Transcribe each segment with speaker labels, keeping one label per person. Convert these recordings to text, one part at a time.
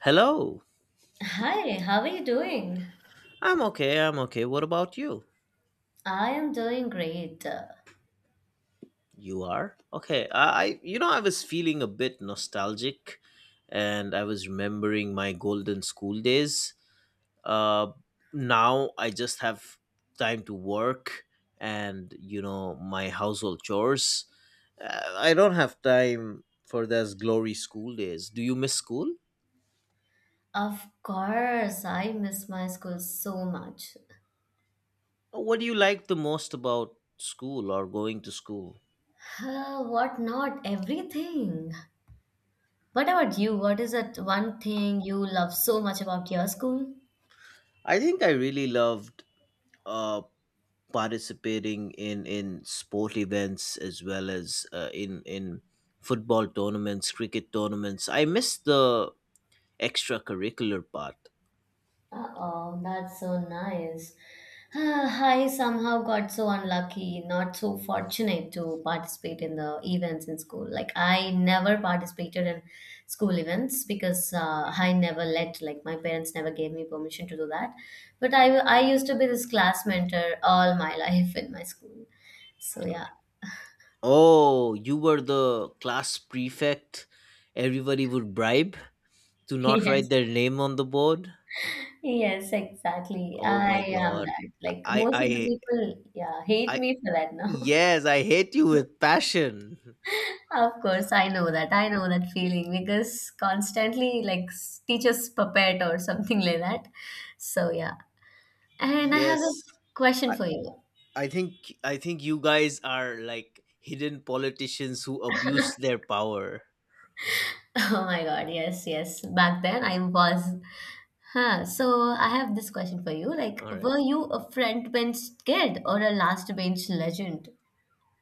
Speaker 1: Hello.
Speaker 2: Hi, how are you doing?
Speaker 1: I'm okay. I'm okay. What about you?
Speaker 2: I am doing great.
Speaker 1: You are? Okay. I I was feeling a bit nostalgic and I was remembering my golden school days. Uh now I just have time to work and my household chores. I don't have time for those glory school days. Do you miss school?
Speaker 2: Of course, I miss my school so much.
Speaker 1: What do you like the most about school or going to school?
Speaker 2: What not? Everything. What about you? What is that one thing you love so much about your school?
Speaker 1: I think I really loved uh participating in sport events as well as in football tournaments, cricket tournaments. I miss the extracurricular part.
Speaker 2: Oh, that's so nice. Ah, I somehow got so unlucky, not so fortunate to participate in the events in school. Like I never participated in school events because I never let, like my parents never gave me permission to do that. But I used to be this class mentor all my life in my school. So yeah.
Speaker 1: Oh, you were the class prefect. Everybody would bribe to not write
Speaker 2: Yes.
Speaker 1: their name on the board.
Speaker 2: Yes, exactly.
Speaker 1: Oh
Speaker 2: I
Speaker 1: my
Speaker 2: am
Speaker 1: God.
Speaker 2: that. Like
Speaker 1: I
Speaker 2: most
Speaker 1: I
Speaker 2: of the people, yeah, hate
Speaker 1: I
Speaker 2: me for that now.
Speaker 1: Yes, I hate you with passion.
Speaker 2: Of course, I know that. I know that feeling because constantly, like, teachers puppet or something like that. So, yeah. And I have a
Speaker 1: Yes.
Speaker 2: question
Speaker 1: I,
Speaker 2: for you.
Speaker 1: I think I think you guys are like hidden politicians who abuse their power.
Speaker 2: Oh my God, yes, yes. Back then, I was. Huh. So, I have this question for you. Like,
Speaker 1: All right.
Speaker 2: were you a front bench kid or a last bench legend?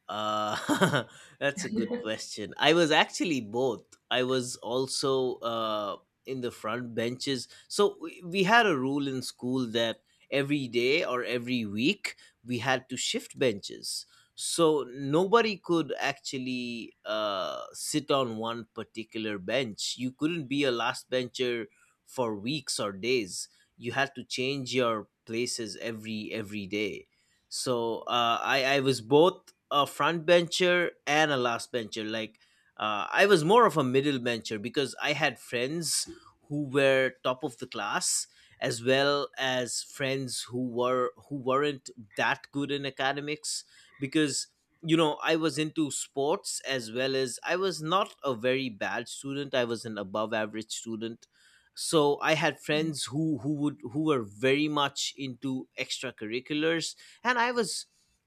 Speaker 1: Uh, that's a good question. I was actually both. I was also in the front benches. So we had a rule in school that every day or every week we had to shift benches. So nobody could actually sit on one particular bench. You couldn't be a last bencher for weeks or days. You had to change your places every day, so I was both a front bencher and a last bencher. Like I was more of a middle bencher because I had friends who were top of the class as well as friends who weren't that good in academics because I was into sports as well as I was not a very bad student. I was an above average student. So I had friends who were very much into extracurriculars, and I was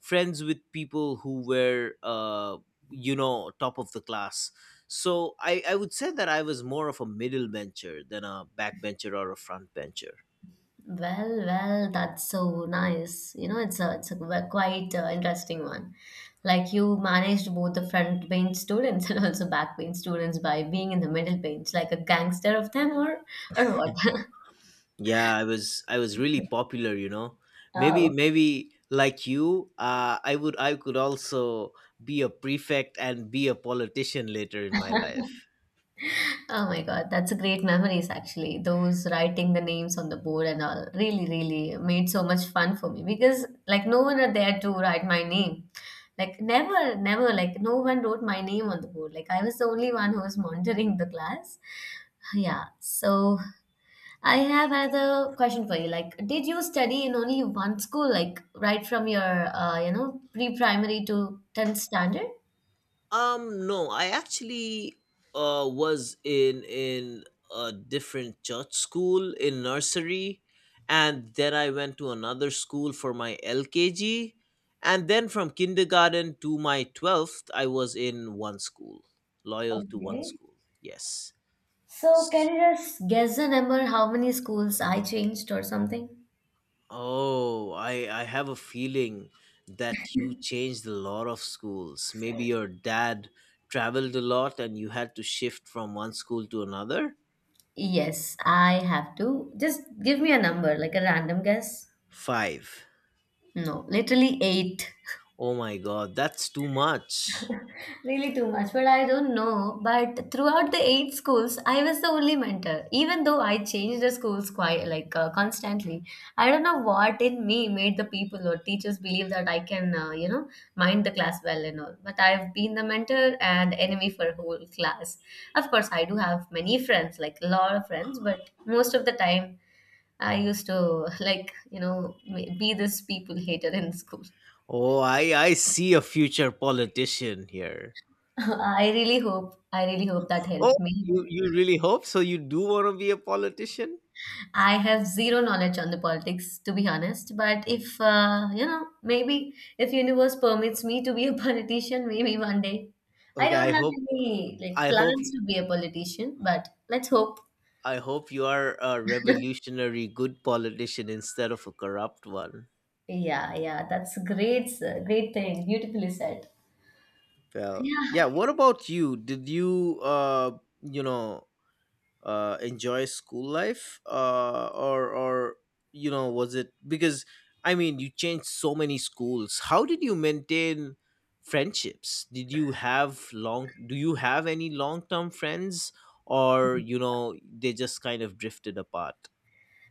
Speaker 1: friends with people who were top of the class. So I would say that I was more of a middle bencher than a back bencher or a front bencher.
Speaker 2: Well, well, that's so nice. You know, it's a quite interesting one. Like you managed both the front bench students and also back bench students by being in the middle bench, like a gangster of them, or what?
Speaker 1: Yeah, I was really popular. maybe
Speaker 2: Oh.
Speaker 1: maybe like you, I could also be a prefect and be a politician later in my life.
Speaker 2: Oh my God, that's a great memories actually. Those writing the names on the board and all really, really made so much fun for me because like no one are there to write my name. Like never, never, like no one wrote my name on the board. Like I was the only one who was monitoring the class. Yeah. So I have another question for you. Like, did you study in only one school, like right from your you know, pre-primary to 10th standard?
Speaker 1: No, I actually was in a different church school in nursery, and then I went to another school for my LKG, and then from kindergarten to my 12th, I was in one school, loyal to one
Speaker 2: Okay.
Speaker 1: school. Yes.
Speaker 2: So,
Speaker 1: S-
Speaker 2: can you just guess the number how many schools I changed or something?
Speaker 1: Oh, I have a feeling that you changed a lot of schools. Maybe your dad traveled a lot and you had to shift from one school to another.
Speaker 2: Yes, I have to. Just give me a number, like a random guess.
Speaker 1: Five.
Speaker 2: No, literally eight.
Speaker 1: Oh my God, that's too much.
Speaker 2: Really too much. Well, I don't know. But throughout the eight schools, I was the only mentor. Even though I changed the schools quite like constantly, I don't know what in me made the people or teachers believe that I can, you know, mind the class well and all. But I've been the mentor and enemy for whole class. Of course, I do have many friends, like a lot of friends. But most of the time, I used to like, you know, be this people hater in school.
Speaker 1: Oh, I see a future politician here.
Speaker 2: I really hope. I really hope that
Speaker 1: Oh,
Speaker 2: helped me.
Speaker 1: you really hope so? You do want to be a politician?
Speaker 2: I have zero knowledge on the politics, to be honest. But if you know, maybe if universe permits me to be a politician, maybe one day. I
Speaker 1: Okay,
Speaker 2: don't have any like
Speaker 1: I hope
Speaker 2: plans to be a politician, but let's hope.
Speaker 1: I hope you are a revolutionary good politician instead of a corrupt one.
Speaker 2: Yeah, yeah, that's great, sir. Great thing. Beautifully said.
Speaker 1: Well, yeah.
Speaker 2: Yeah,
Speaker 1: What about you? Did you you know enjoy school life, or was it because, I mean, you changed so many schools? How did you maintain friendships? Did you have long Do you have any long term friends, or they just kind of drifted apart?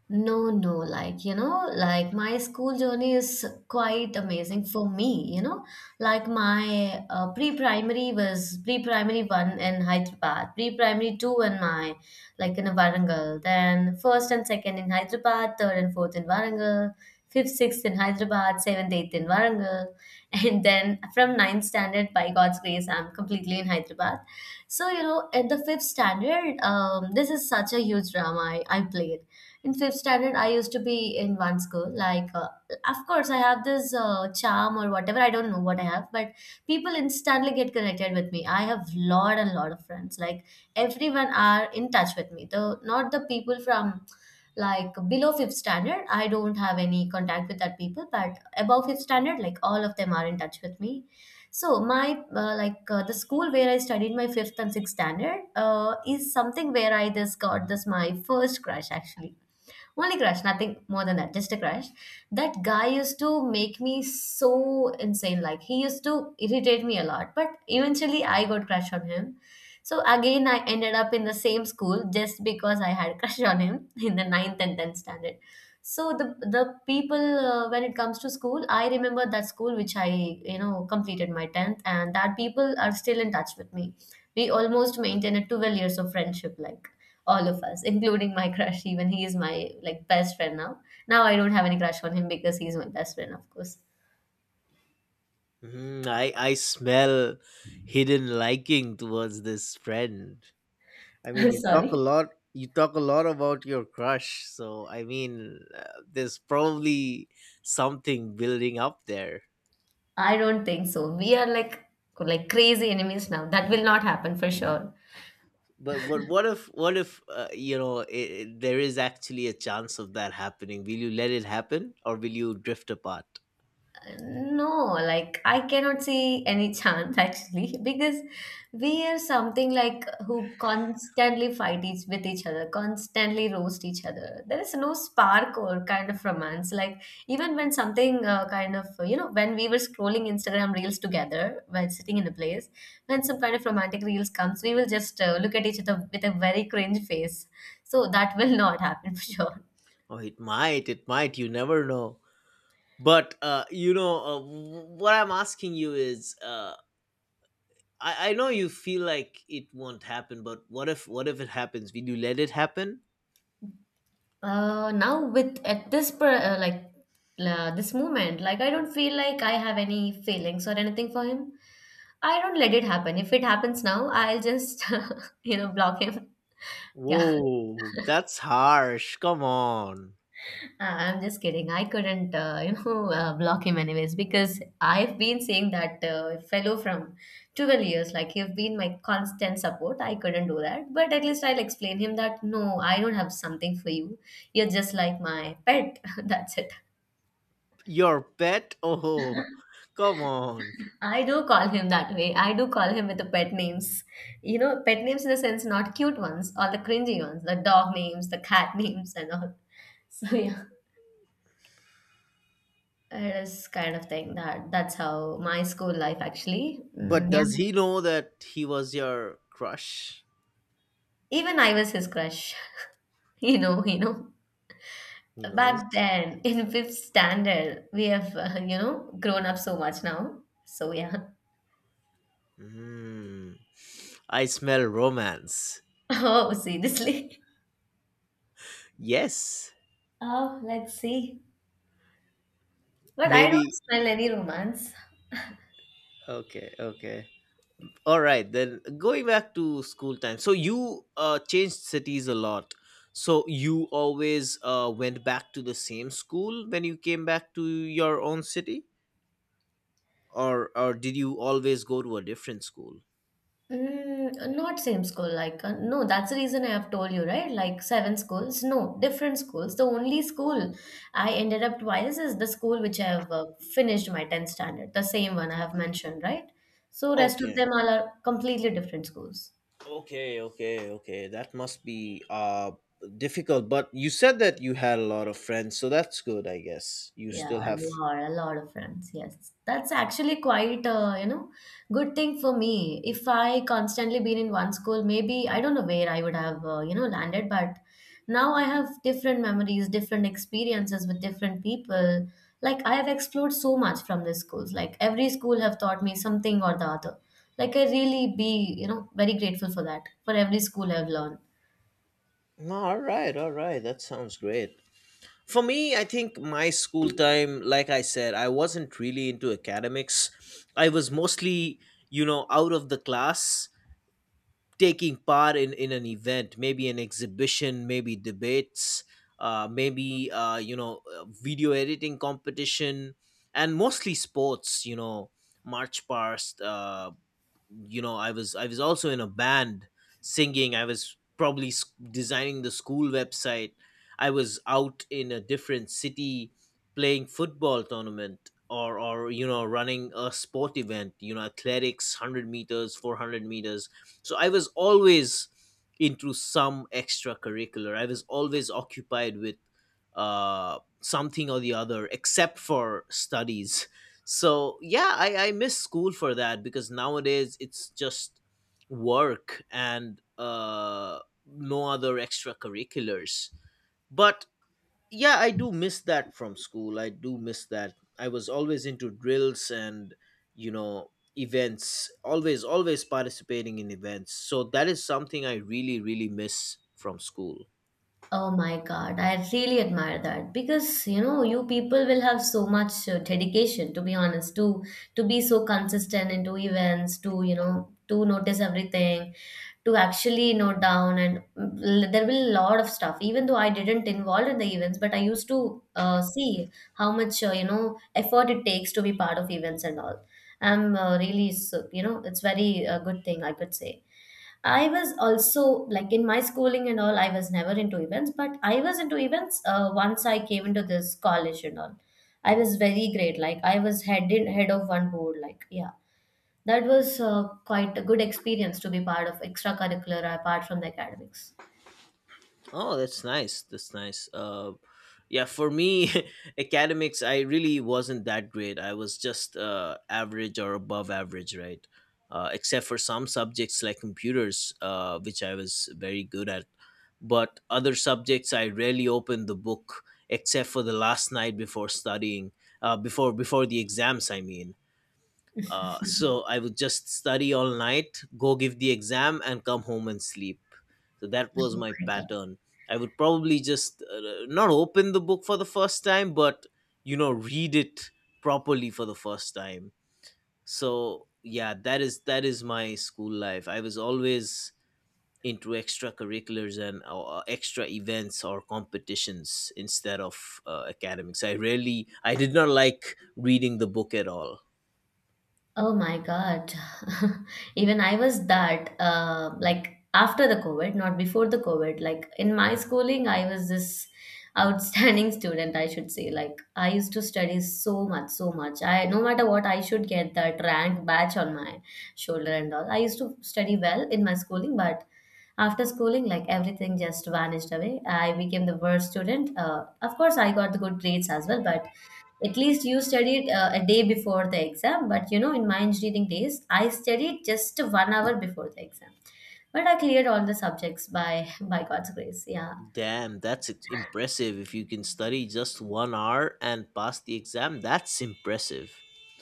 Speaker 2: no, no, like, you know, like my school journey is quite amazing for me, you know. Like my pre-primary was pre-primary one in Hyderabad, pre-primary two in my, like in Warangal, then first and second in Hyderabad, third and fourth in Warangal, fifth, sixth in Hyderabad, seventh, eighth in Warangal. And then from ninth standard, by God's grace, I'm completely in Hyderabad. So, you know, at the fifth standard, this is such a huge drama I played in fifth standard. I used to be in one school like of course I have this charm or whatever, I don't know what I have, but people instantly get connected with me. I have lot and lot of friends, like everyone are in touch with me, though not the people from like below fifth standard. I don't have any contact with that people, but above fifth standard, like all of them are in touch with me. So my like the school where I studied my fifth and sixth standard is something where I just got this my first crush actually, only crush, nothing more than that, just a crush. That guy used to make me so insane. Like he used to irritate me a lot, but eventually I got crush on him. So again, I ended up in the same school just because I had crush on him in the ninth and tenth standard. So the people when it comes to school, I remember that school which I you know completed my tenth, and that people are still in touch with me. We almost maintained a 12 years of friendship, like all of us, including my crush. Even he is my like best friend now. Now I don't have any crush on him because he's my best friend, of course.
Speaker 1: I smell hidden liking towards this friend. I mean, you talk a
Speaker 2: Sorry.
Speaker 1: lot. You talk a lot about your crush, so I mean, there's probably something building up there.
Speaker 2: I don't think so. We are like crazy enemies now. That will not happen for sure.
Speaker 1: But what if there is actually a chance of that happening? Will you let it happen, or will you drift apart?
Speaker 2: No, like I cannot see any chance actually because we are something like who constantly fight each with each other, constantly roast each other. There is no spark or kind of romance. Like even when something kind of you know when we were scrolling Instagram reels together while sitting in a place, when some kind of romantic reels comes, we will just look at each other with a very cringe face. So that will not happen for sure.
Speaker 1: Oh, it might. It might. You never know. But what I'm asking you is, I know you feel like it won't happen, but what if it happens? Will you let it happen?
Speaker 2: Now with at this per, like this moment, like I don't feel like I have any feelings or anything for him. I don't let it happen. If it happens now, I'll just you know block him. Yeah.
Speaker 1: Whoa, that's harsh. Come on.
Speaker 2: I'm just kidding. I couldn't you know block him anyways because I've been seeing that fellow from 12 years. Like you've been my constant support, I couldn't do that, but at least I'll explain him that no, I don't have something for you. You're just like my pet. That's it.
Speaker 1: Your pet? Oh, come on.
Speaker 2: I do call him that way. I do call him with the pet names. You know, pet names in the sense not cute ones or the cringy ones, the dog names, the cat names, and all. So yeah, it is kind of thing that that's how my school life actually. Mm,
Speaker 1: But does
Speaker 2: yeah,
Speaker 1: he know that he was your crush?
Speaker 2: even I was his crush. You know, you know.
Speaker 1: He knows.
Speaker 2: Back then in fifth standard, we have you know grown up so much now. So yeah.
Speaker 1: Hmm. I smell romance.
Speaker 2: Oh, seriously.
Speaker 1: Yes.
Speaker 2: Oh, let's see. But I don't
Speaker 1: Maybe.
Speaker 2: smell any romance.
Speaker 1: Okay, okay. All right, then going back to school time. So you changed cities a lot. So you always went back to the same school when you came back to your own city, or did you always go to a different school?
Speaker 2: Mm, not same school, like no, that's the reason I have told you, right? Like seven schools, no, different schools. The only school I ended up twice is the school which I have finished my 10th standard, the same one I have mentioned, right? So rest of
Speaker 1: Okay.
Speaker 2: them all are completely different schools.
Speaker 1: Okay, okay, okay. That must be difficult, but you said that you had a lot of friends, so that's good, I guess. You
Speaker 2: Yeah,
Speaker 1: still have.
Speaker 2: a lot of friends. Yes, that's actually quite you know, good thing for me. If I constantly been in one school, maybe I don't know where I would have you know landed. But now I have different memories, different experiences with different people. Like I have explored so much from these schools. Like every school have taught me something or the other. Like I really be you know very grateful for that. For every school I've learned.
Speaker 1: No, all right, all right. That sounds great. For me, I think my school time, like I said, I wasn't really into academics. I was mostly, out of the class, taking part in an event, maybe an exhibition, maybe debates, maybe video editing competition, and mostly sports, march past, I was also in a band, singing. I was probably designing the school website. I was out in a different city playing football tournament, or running a sport event, athletics, 100 meters, 400 meters. So I was always into some extracurricular. I was always occupied with something or the other except for studies. So yeah, I miss school for that because nowadays it's just work and no other extracurriculars. But yeah, I do miss that from school. I do miss that. I was always into drills and you know events, always participating in events. So that is something I really really miss from school.
Speaker 2: Oh my God, I really admire that because you know you people will have so much dedication to be honest to be so consistent into events to you know to notice everything to actually note down and mm, there will a lot of stuff even though I didn't involve in the events but I used to see how much you know effort it takes to be part of events and all. I'm really so, you know it's very good thing I could say. I was also like in my schooling and all, I was never into events, but I was into events once I came into this college and all. I was very great. Like I was head of one board. Like yeah, that was quite a good experience to be part of extracurricular apart from the academics.
Speaker 1: Oh, that's nice. That's nice. Yeah, for me, academics, I really wasn't that great. I was just average or above average, right? Except for some subjects like computers, which I was very good at. But other subjects, I rarely opened the book except for the last night before studying, before the exams. I mean, so I would just study all night, go give the exam, and come home and sleep. So that was my pattern. I would probably just not open the book for the first time, but read it properly for the first time. So yeah, that is my school life. I was always into extracurriculars and extra events or competitions instead of academics. I did not like reading the book at all.
Speaker 2: Oh my God. Even I was that, like after the COVID, not before the COVID. Like in my schooling, I was this outstanding student, I should say. Like I used to study so much, so much. I no matter what, I should get that rank badge on my shoulder and all. I used to study well in my schooling, but after schooling, like everything just vanished away. I became the worst student. Of course, I got the good grades as well, but at least you studied a day before the exam, but you know, in my engineering days, I studied just 1 hour before the exam. But I cleared all the subjects by by God's grace. Yeah.
Speaker 1: Damn, that's impressive. If you can study just one hour and pass the exam, that's impressive.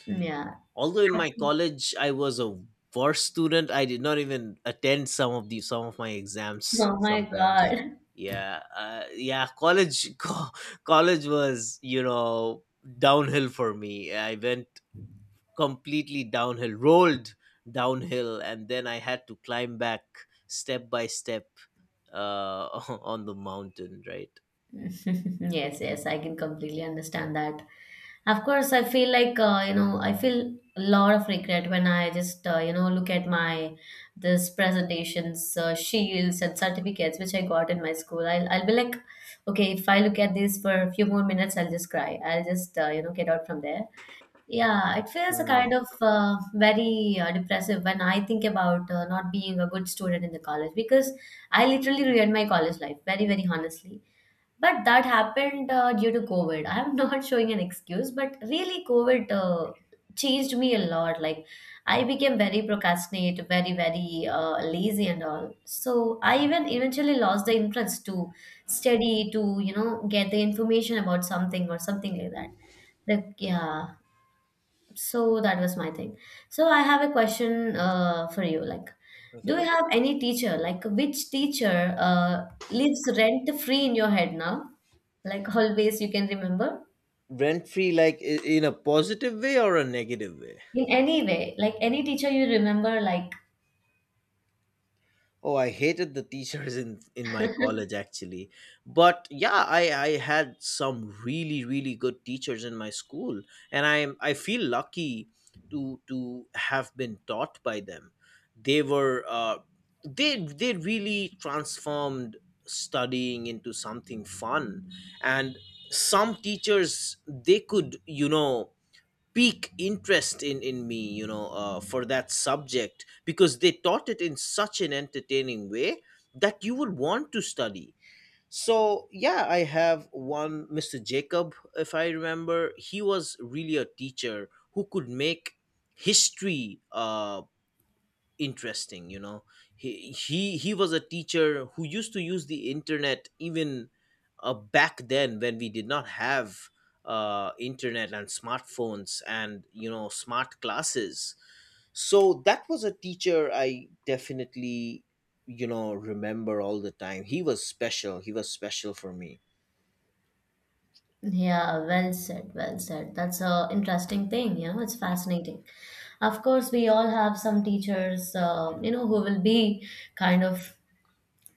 Speaker 2: Mm, yeah.
Speaker 1: Although in my
Speaker 2: Absolutely.
Speaker 1: college I was a worse student, I did not even attend some of my exams
Speaker 2: Oh my
Speaker 1: sometimes.
Speaker 2: God.
Speaker 1: Yeah, yeah, college college was, downhill for me. I went completely downhill, rolled downhill, and then I had to climb back step by step uh on the mountain, right?
Speaker 2: Yes, yes, I can completely understand that. Of course, I feel like I feel a lot of regret when I just look at my this presentations shields and certificates which I got in my school. I'll be like, okay, if I look at this for a few more minutes I'll just cry, I'll just get out from there. Yeah, it feels a kind
Speaker 1: Hmm.
Speaker 2: of very depressive when I think about not being a good student in the college, because I literally ruined my college life, very very honestly. But that happened due to COVID. I'm not showing an excuse, but really, COVID changed me a lot. Like, I became very procrastinate, very, very lazy and all. So I even eventually lost the interest to study, to get the information about something or something like that. The Yeah. So that was my thing. So I have a question for you. Like, do
Speaker 1: Okay.
Speaker 2: you have any teacher? Like, which teacher lives rent free in your head now? Like, always you can remember
Speaker 1: Rent free, like in a positive way or a negative way?
Speaker 2: in any way. Like, any teacher you remember, like,
Speaker 1: Oh, I hated the teachers in my college actually, but yeah, I had some really really good teachers in my school, and I feel lucky to have been taught by them. They were they really transformed studying into something fun, and some teachers, they could peak interest in me, for that subject because they taught it in such an entertaining way that you would want to study. So yeah, I have one Mr. Jacob, if I remember. He was really a teacher who could make history interesting. He was a teacher who used to use the internet even back then, when we did not have internet and smartphones and smart classes. So that was a teacher I definitely remember all the time. He was special, he was special for me.
Speaker 2: yeah, well said, well said. That's a interesting thing. You know, it's fascinating. Of course, we all have some teachers, who will be kind of,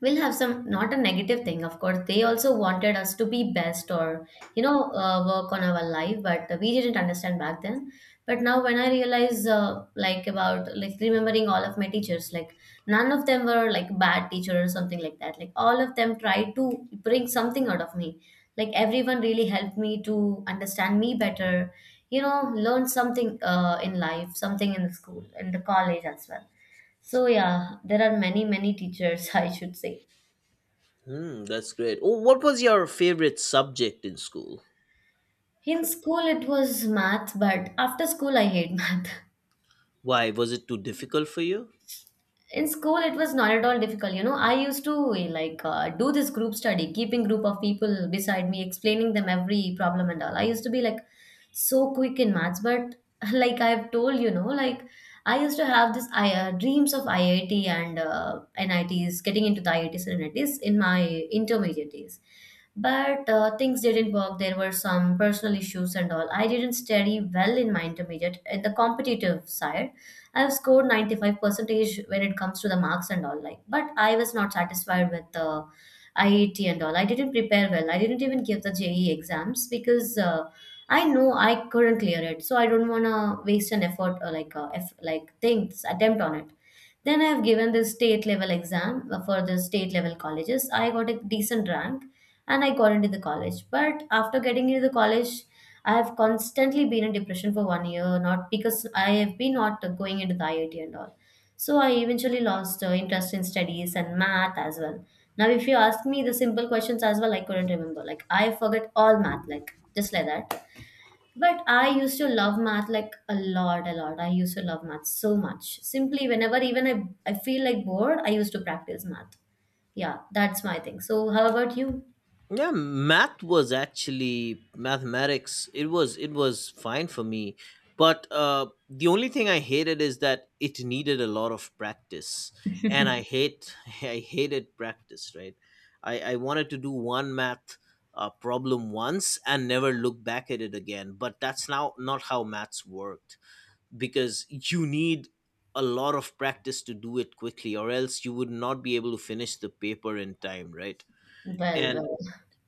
Speaker 2: we'll have some, not a negative thing, of course they also wanted us to be best or work on our life, but we didn't understand back then. But now when I realize like about, like remembering all of my teachers, like none of them were like bad teacher or something like that, like all of them tried to bring something out of me, like everyone really helped me to understand me better, you know, learn something in life, something in the school, in the college as well. So yeah, there are many many teachers, I should say.
Speaker 1: Hmm, that's great. Oh, what was your favorite subject in school?
Speaker 2: In school, it was math, but after school, I hate math.
Speaker 1: Why was it too difficult for you?
Speaker 2: In school it was not at all difficult, you know, I used to like do this group study, keeping group of people beside me, explaining them every problem and all. I used to be like so quick in maths, but like I've told, you know, like I used to have this dreams of IIT and NITs, getting into the IITs and NITs in my intermediate days. But things didn't work, there were some personal issues and all, I didn't study well in my intermediate in the competitive side. I've scored 95 percentage when it comes to the marks and all, like, but I was not satisfied with the IET and all. I didn't prepare well, I didn't even give the JE exams because I know I couldn't clear it, so I don't want to waste an effort or like like things, attempt on it. Then I've given this state level exam for the state level colleges. I got a decent rank, and I got into the college. But after getting into the college, I have constantly been in depression for one year, not because I have been not going into the IIT and all. So I eventually lost interest in studies and math as well. Now, if you ask me the simple questions as well, I couldn't remember. Like, I forget all math, like just like that. But I used to love math like a lot, a lot. I used to love math so much. Simply, whenever even I feel like bored, I used to practice math. Yeah, that's my thing. So how about you?
Speaker 1: Yeah, math was actually mathematics. It was fine for me, but the only thing I hated is that it needed a lot of practice. And I hate I hated practice, right? I wanted to do one math problem once and never look back at it again. But that's now not how maths worked because you need a lot of practice to do it quickly, or else you would not be able to finish the paper in time, right?
Speaker 2: Well,
Speaker 1: And
Speaker 2: well.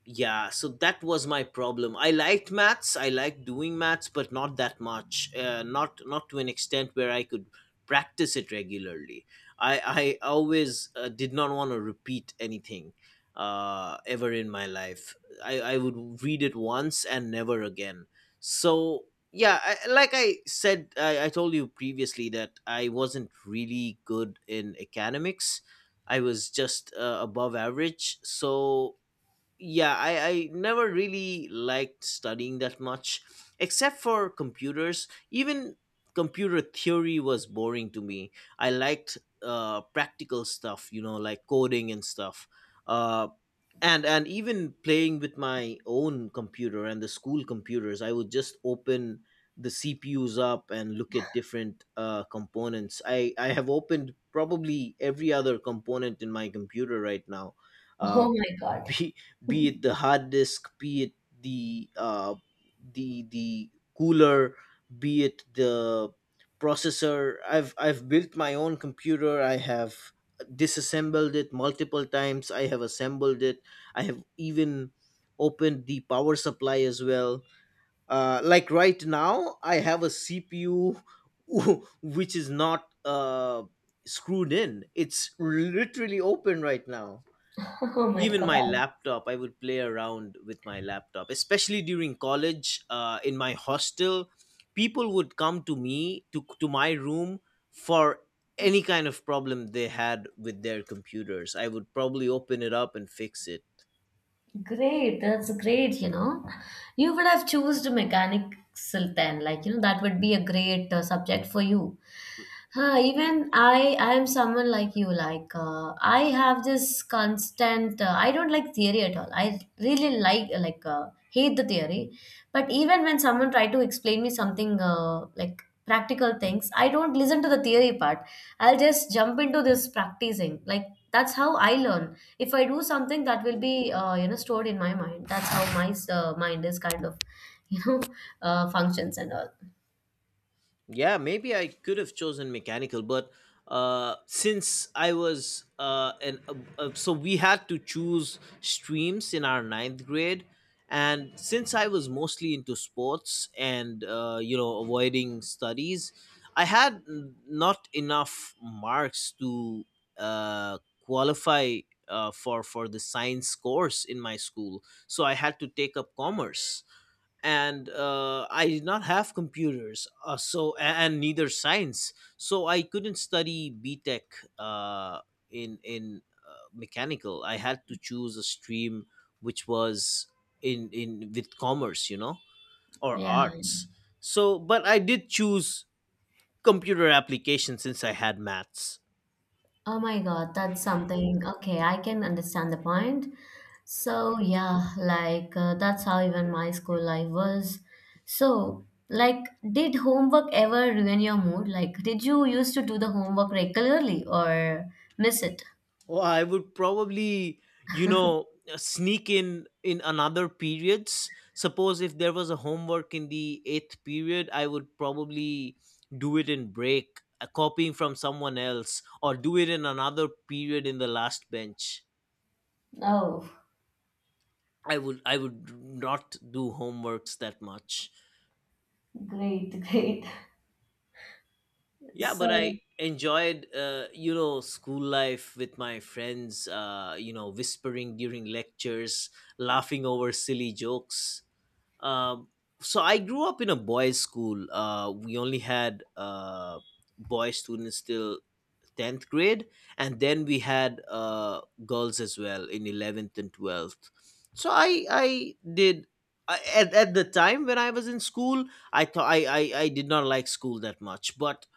Speaker 1: yeah, so that was my problem. I liked maths, I liked doing maths, but not that much, not to an extent where I could practice it regularly. I always did not want to repeat anything, ever in my life. I would read it once and never again. So yeah, like I said, I told you previously that I wasn't really good in academics. I was just above average, so yeah, I never really liked studying that much, except for computers. Even computer theory was boring to me. I liked practical stuff, like coding and stuff. uh, and even playing with my own computer and the school computers, I would just open the cpus up and look at different components. I have opened probably every other component in my computer right now. uh,
Speaker 2: Oh my God.
Speaker 1: be, be it the hard disk, be it the uh, the cooler, be it the processor. I've built my own computer. I have disassembled it multiple times, I have assembled it, I have even opened the power supply as well. Like right now, I have a CPU which is not screwed in. It's literally open right now. Even my laptop, I would play around with my laptop, especially during college. In my hostel, people would come to me, to my room, for any kind of problem they had with their computers. I would probably open it up and fix it.
Speaker 2: Great, that's great, you know. You would have chosen mechanics then, like, you know, that would be a great subject for you. Huh, even I am someone like you. Like I have this constant. I don't like theory at all. I really hate the theory. But even when someone try to explain me something like practical things, I don't listen to the theory part. I'll just jump into this practicing. Like, that's how I learn, if I do something that will be stored in my mind. That's how my mind is kind of you know functions and all.
Speaker 1: Yeah, maybe I could have chosen mechanical, but since I was an so we had to choose streams in our ninth grade, and since I was mostly into sports and, you know, avoiding studies, I had not enough marks to uh, qualify for the science course in my school, so I had to take up commerce. And I did not have computers, so and neither science, so I couldn't study BTech, in mechanical. I had to choose a stream which was in with commerce, you know, or
Speaker 2: Yeah.
Speaker 1: arts. So, but I did choose computer application since I had maths.
Speaker 2: Oh my God, that's something. Okay, I can understand the point. So yeah, like that's how even my school life was. So, like, did homework ever ruin your mood? Like, did you used to do the homework regularly or miss it?
Speaker 1: Oh, I would probably, you know, sneak in another periods. Suppose if there was a homework in the eighth period, I would probably do it in break, copying from someone else, or do it in another period in the last bench.
Speaker 2: Oh,
Speaker 1: I would not do homeworks that much.
Speaker 2: great, great.
Speaker 1: Yeah, but I
Speaker 2: So
Speaker 1: enjoyed, you know, school life with my friends. You know, whispering during lectures, laughing over silly jokes. Um, so I grew up in a boys' school. We only had boy students till tenth grade, and then we had girls as well in eleventh and twelfth. So I did. At the time when I was in school, I thought I did not like school that much. But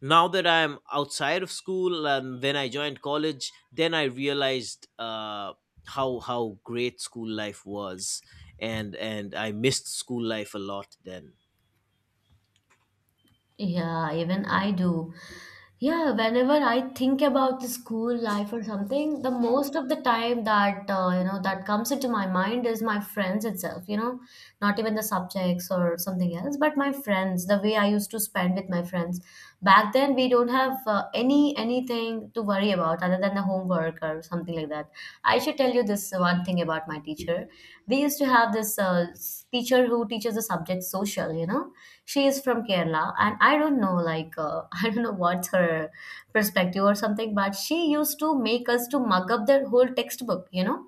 Speaker 1: now that I'm outside of school, and when I joined college, then I realized how great school life was, and I missed school life a lot then.
Speaker 2: Yeah, even I do. Yeah, whenever I think about the school life or something, the most of the time that that comes into my mind is my friends itself, you know, not even the subjects or something else, but my friends, the way I used to spend with my friends. Back then, we don't have anything to worry about other than the homework or something like that. I should tell you this one thing about my teacher. We used to have this teacher who teaches the subject social, you know. She is from Kerala, and I don't know like I don't know what's her perspective or something, but she used to make us to mug up their whole textbook, you know.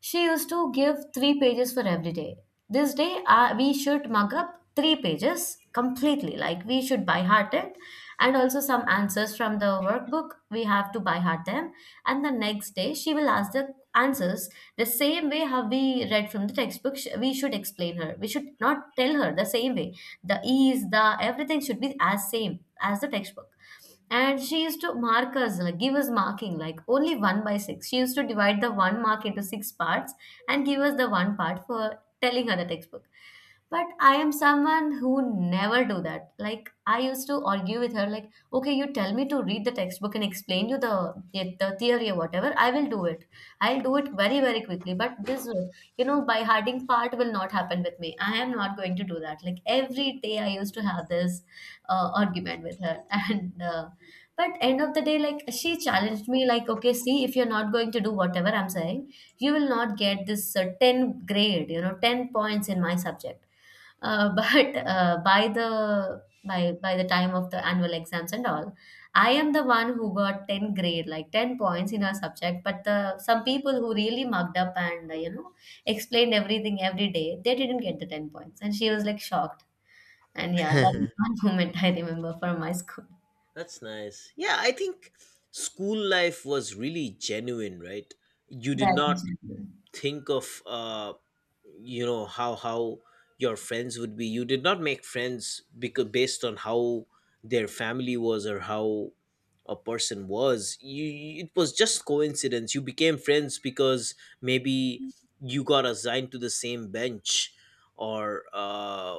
Speaker 2: She used to give 3 pages for every day. This day, we should mug up 3 pages completely. Like, we should by heart it, and also some answers from the workbook. We have to by heart them, and the next day she will ask the answers the same way how we read from the textbook. We should explain her. We should not tell her the same way. The ease, the everything should be as same as the textbook. And she used to mark us, like give us marking, like only one by six. She used to divide the one mark into six parts and give us the one part for telling her the textbook. But I am someone who never do that, like I used to argue with her like, okay, you tell me to read the textbook and explain you the theory or whatever, I will do it, I'll do it very very quickly, but this, you know, by harding part will not happen with me, I am not going to do that. Like, every day I used to have this argument with her, and but end of the day, like she challenged me like, okay, see, if you're not going to do whatever I'm saying, you will not get this 10 grade, you know, 10 points in my subject. But by the time of the annual exams and all, I am the one who got 10 grade, like 10 points in our subject. But the some people who really mugged up and explained everything every day, they didn't get the 10 points, and she was like shocked. And yeah, that is one moment I remember from my school.
Speaker 1: That's nice. Yeah, I think school life was really genuine, right? You did
Speaker 2: That.
Speaker 1: not think of, you know, how your friends would be. You did not make friends because, based on how their family was or how a person was, you, it was just coincidence you became friends. Because maybe you got assigned to the same bench, or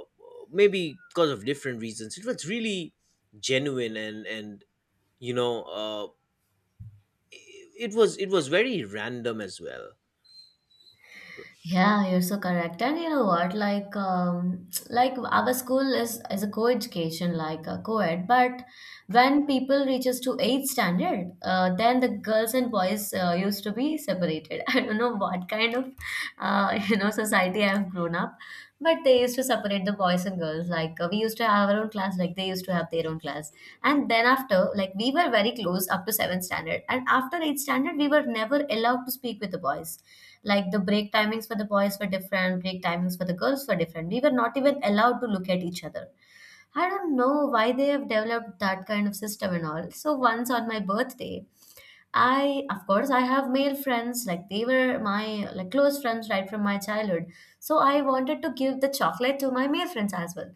Speaker 1: maybe because of different reasons. It was really genuine, and you know, it was, it was very random as well.
Speaker 2: Yeah, you're so correct. And you know what? Like, like our school is a co-education, like a co-ed. But when people reaches to eighth standard, then the girls and boys used to be separated. I don't know what kind of, you know, society I've grown up, but they used to separate the boys and girls. Like we used to have our own class, like they used to have their own class. And then after, like we were very close up to seventh standard, and after eighth standard, we were never allowed to speak with the boys, like the break timings for the boys were different, break timings for the girls were different. We were not even allowed to look at each other. I don't know why they have developed that kind of system and all. So once on my birthday, of course, I have male friends, like they were my like close friends right from my childhood. So I wanted to give the chocolate to my male friends as well.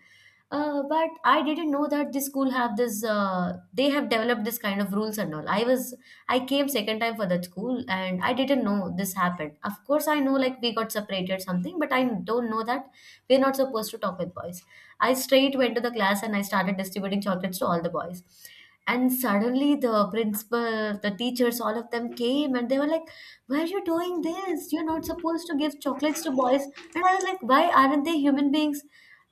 Speaker 2: But I didn't know that this school have this. They have developed this kind of rules and all. I came second time for that school and I didn't know this happened. Of course, I know like we got separated something, but I don't know that we're not supposed to talk with boys. I straight went to the class, and I started distributing chocolates to all the boys, and suddenly the principal, the teachers, all of them came, and they were like, why are you doing this, you're not supposed to give chocolates to boys. And I was like, why aren't they human beings?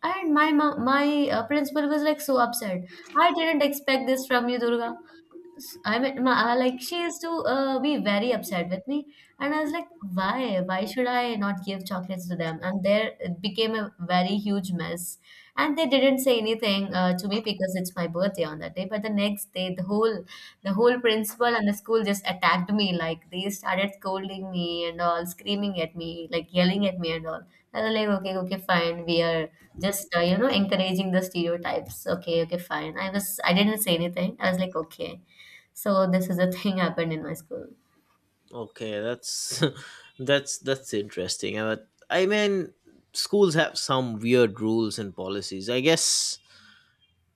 Speaker 2: And my principal was like so upset. I didn't expect this from you, Durga. I mean, like she used to be very upset with me, and I was like, "Why? Why should I not give chocolates to them?" And there it became a very huge mess. And they didn't say anything to me, because it's my birthday on that day. But the next day, the whole principal and the school just attacked me. Like, they started scolding me and all, screaming at me, like yelling at me and all. I was like, "Okay, okay, fine. We are just encouraging the stereotypes." Okay, okay, fine. I didn't say anything. I was like, "Okay." So this is a thing happened in my school.
Speaker 1: Okay, that's that's interesting. I mean, schools have some weird rules and policies. I guess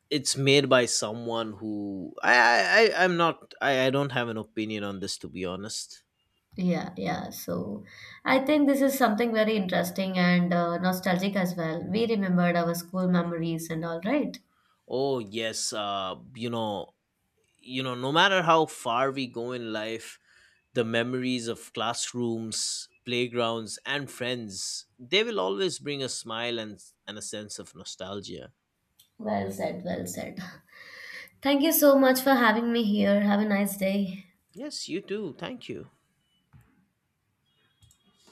Speaker 1: it's made by someone who I'm not, I don't have an opinion on this, to be honest.
Speaker 2: Yeah, yeah. So I think this is something very interesting and nostalgic as well. We remembered our school memories and all, right?
Speaker 1: Oh yes, no matter how far we go in life, the memories of classrooms, playgrounds, and friends, they will always bring a smile and a sense of nostalgia.
Speaker 2: Well said, well said. Thank you so much for having me here. Have a nice day.
Speaker 1: Yes, you too. Thank you.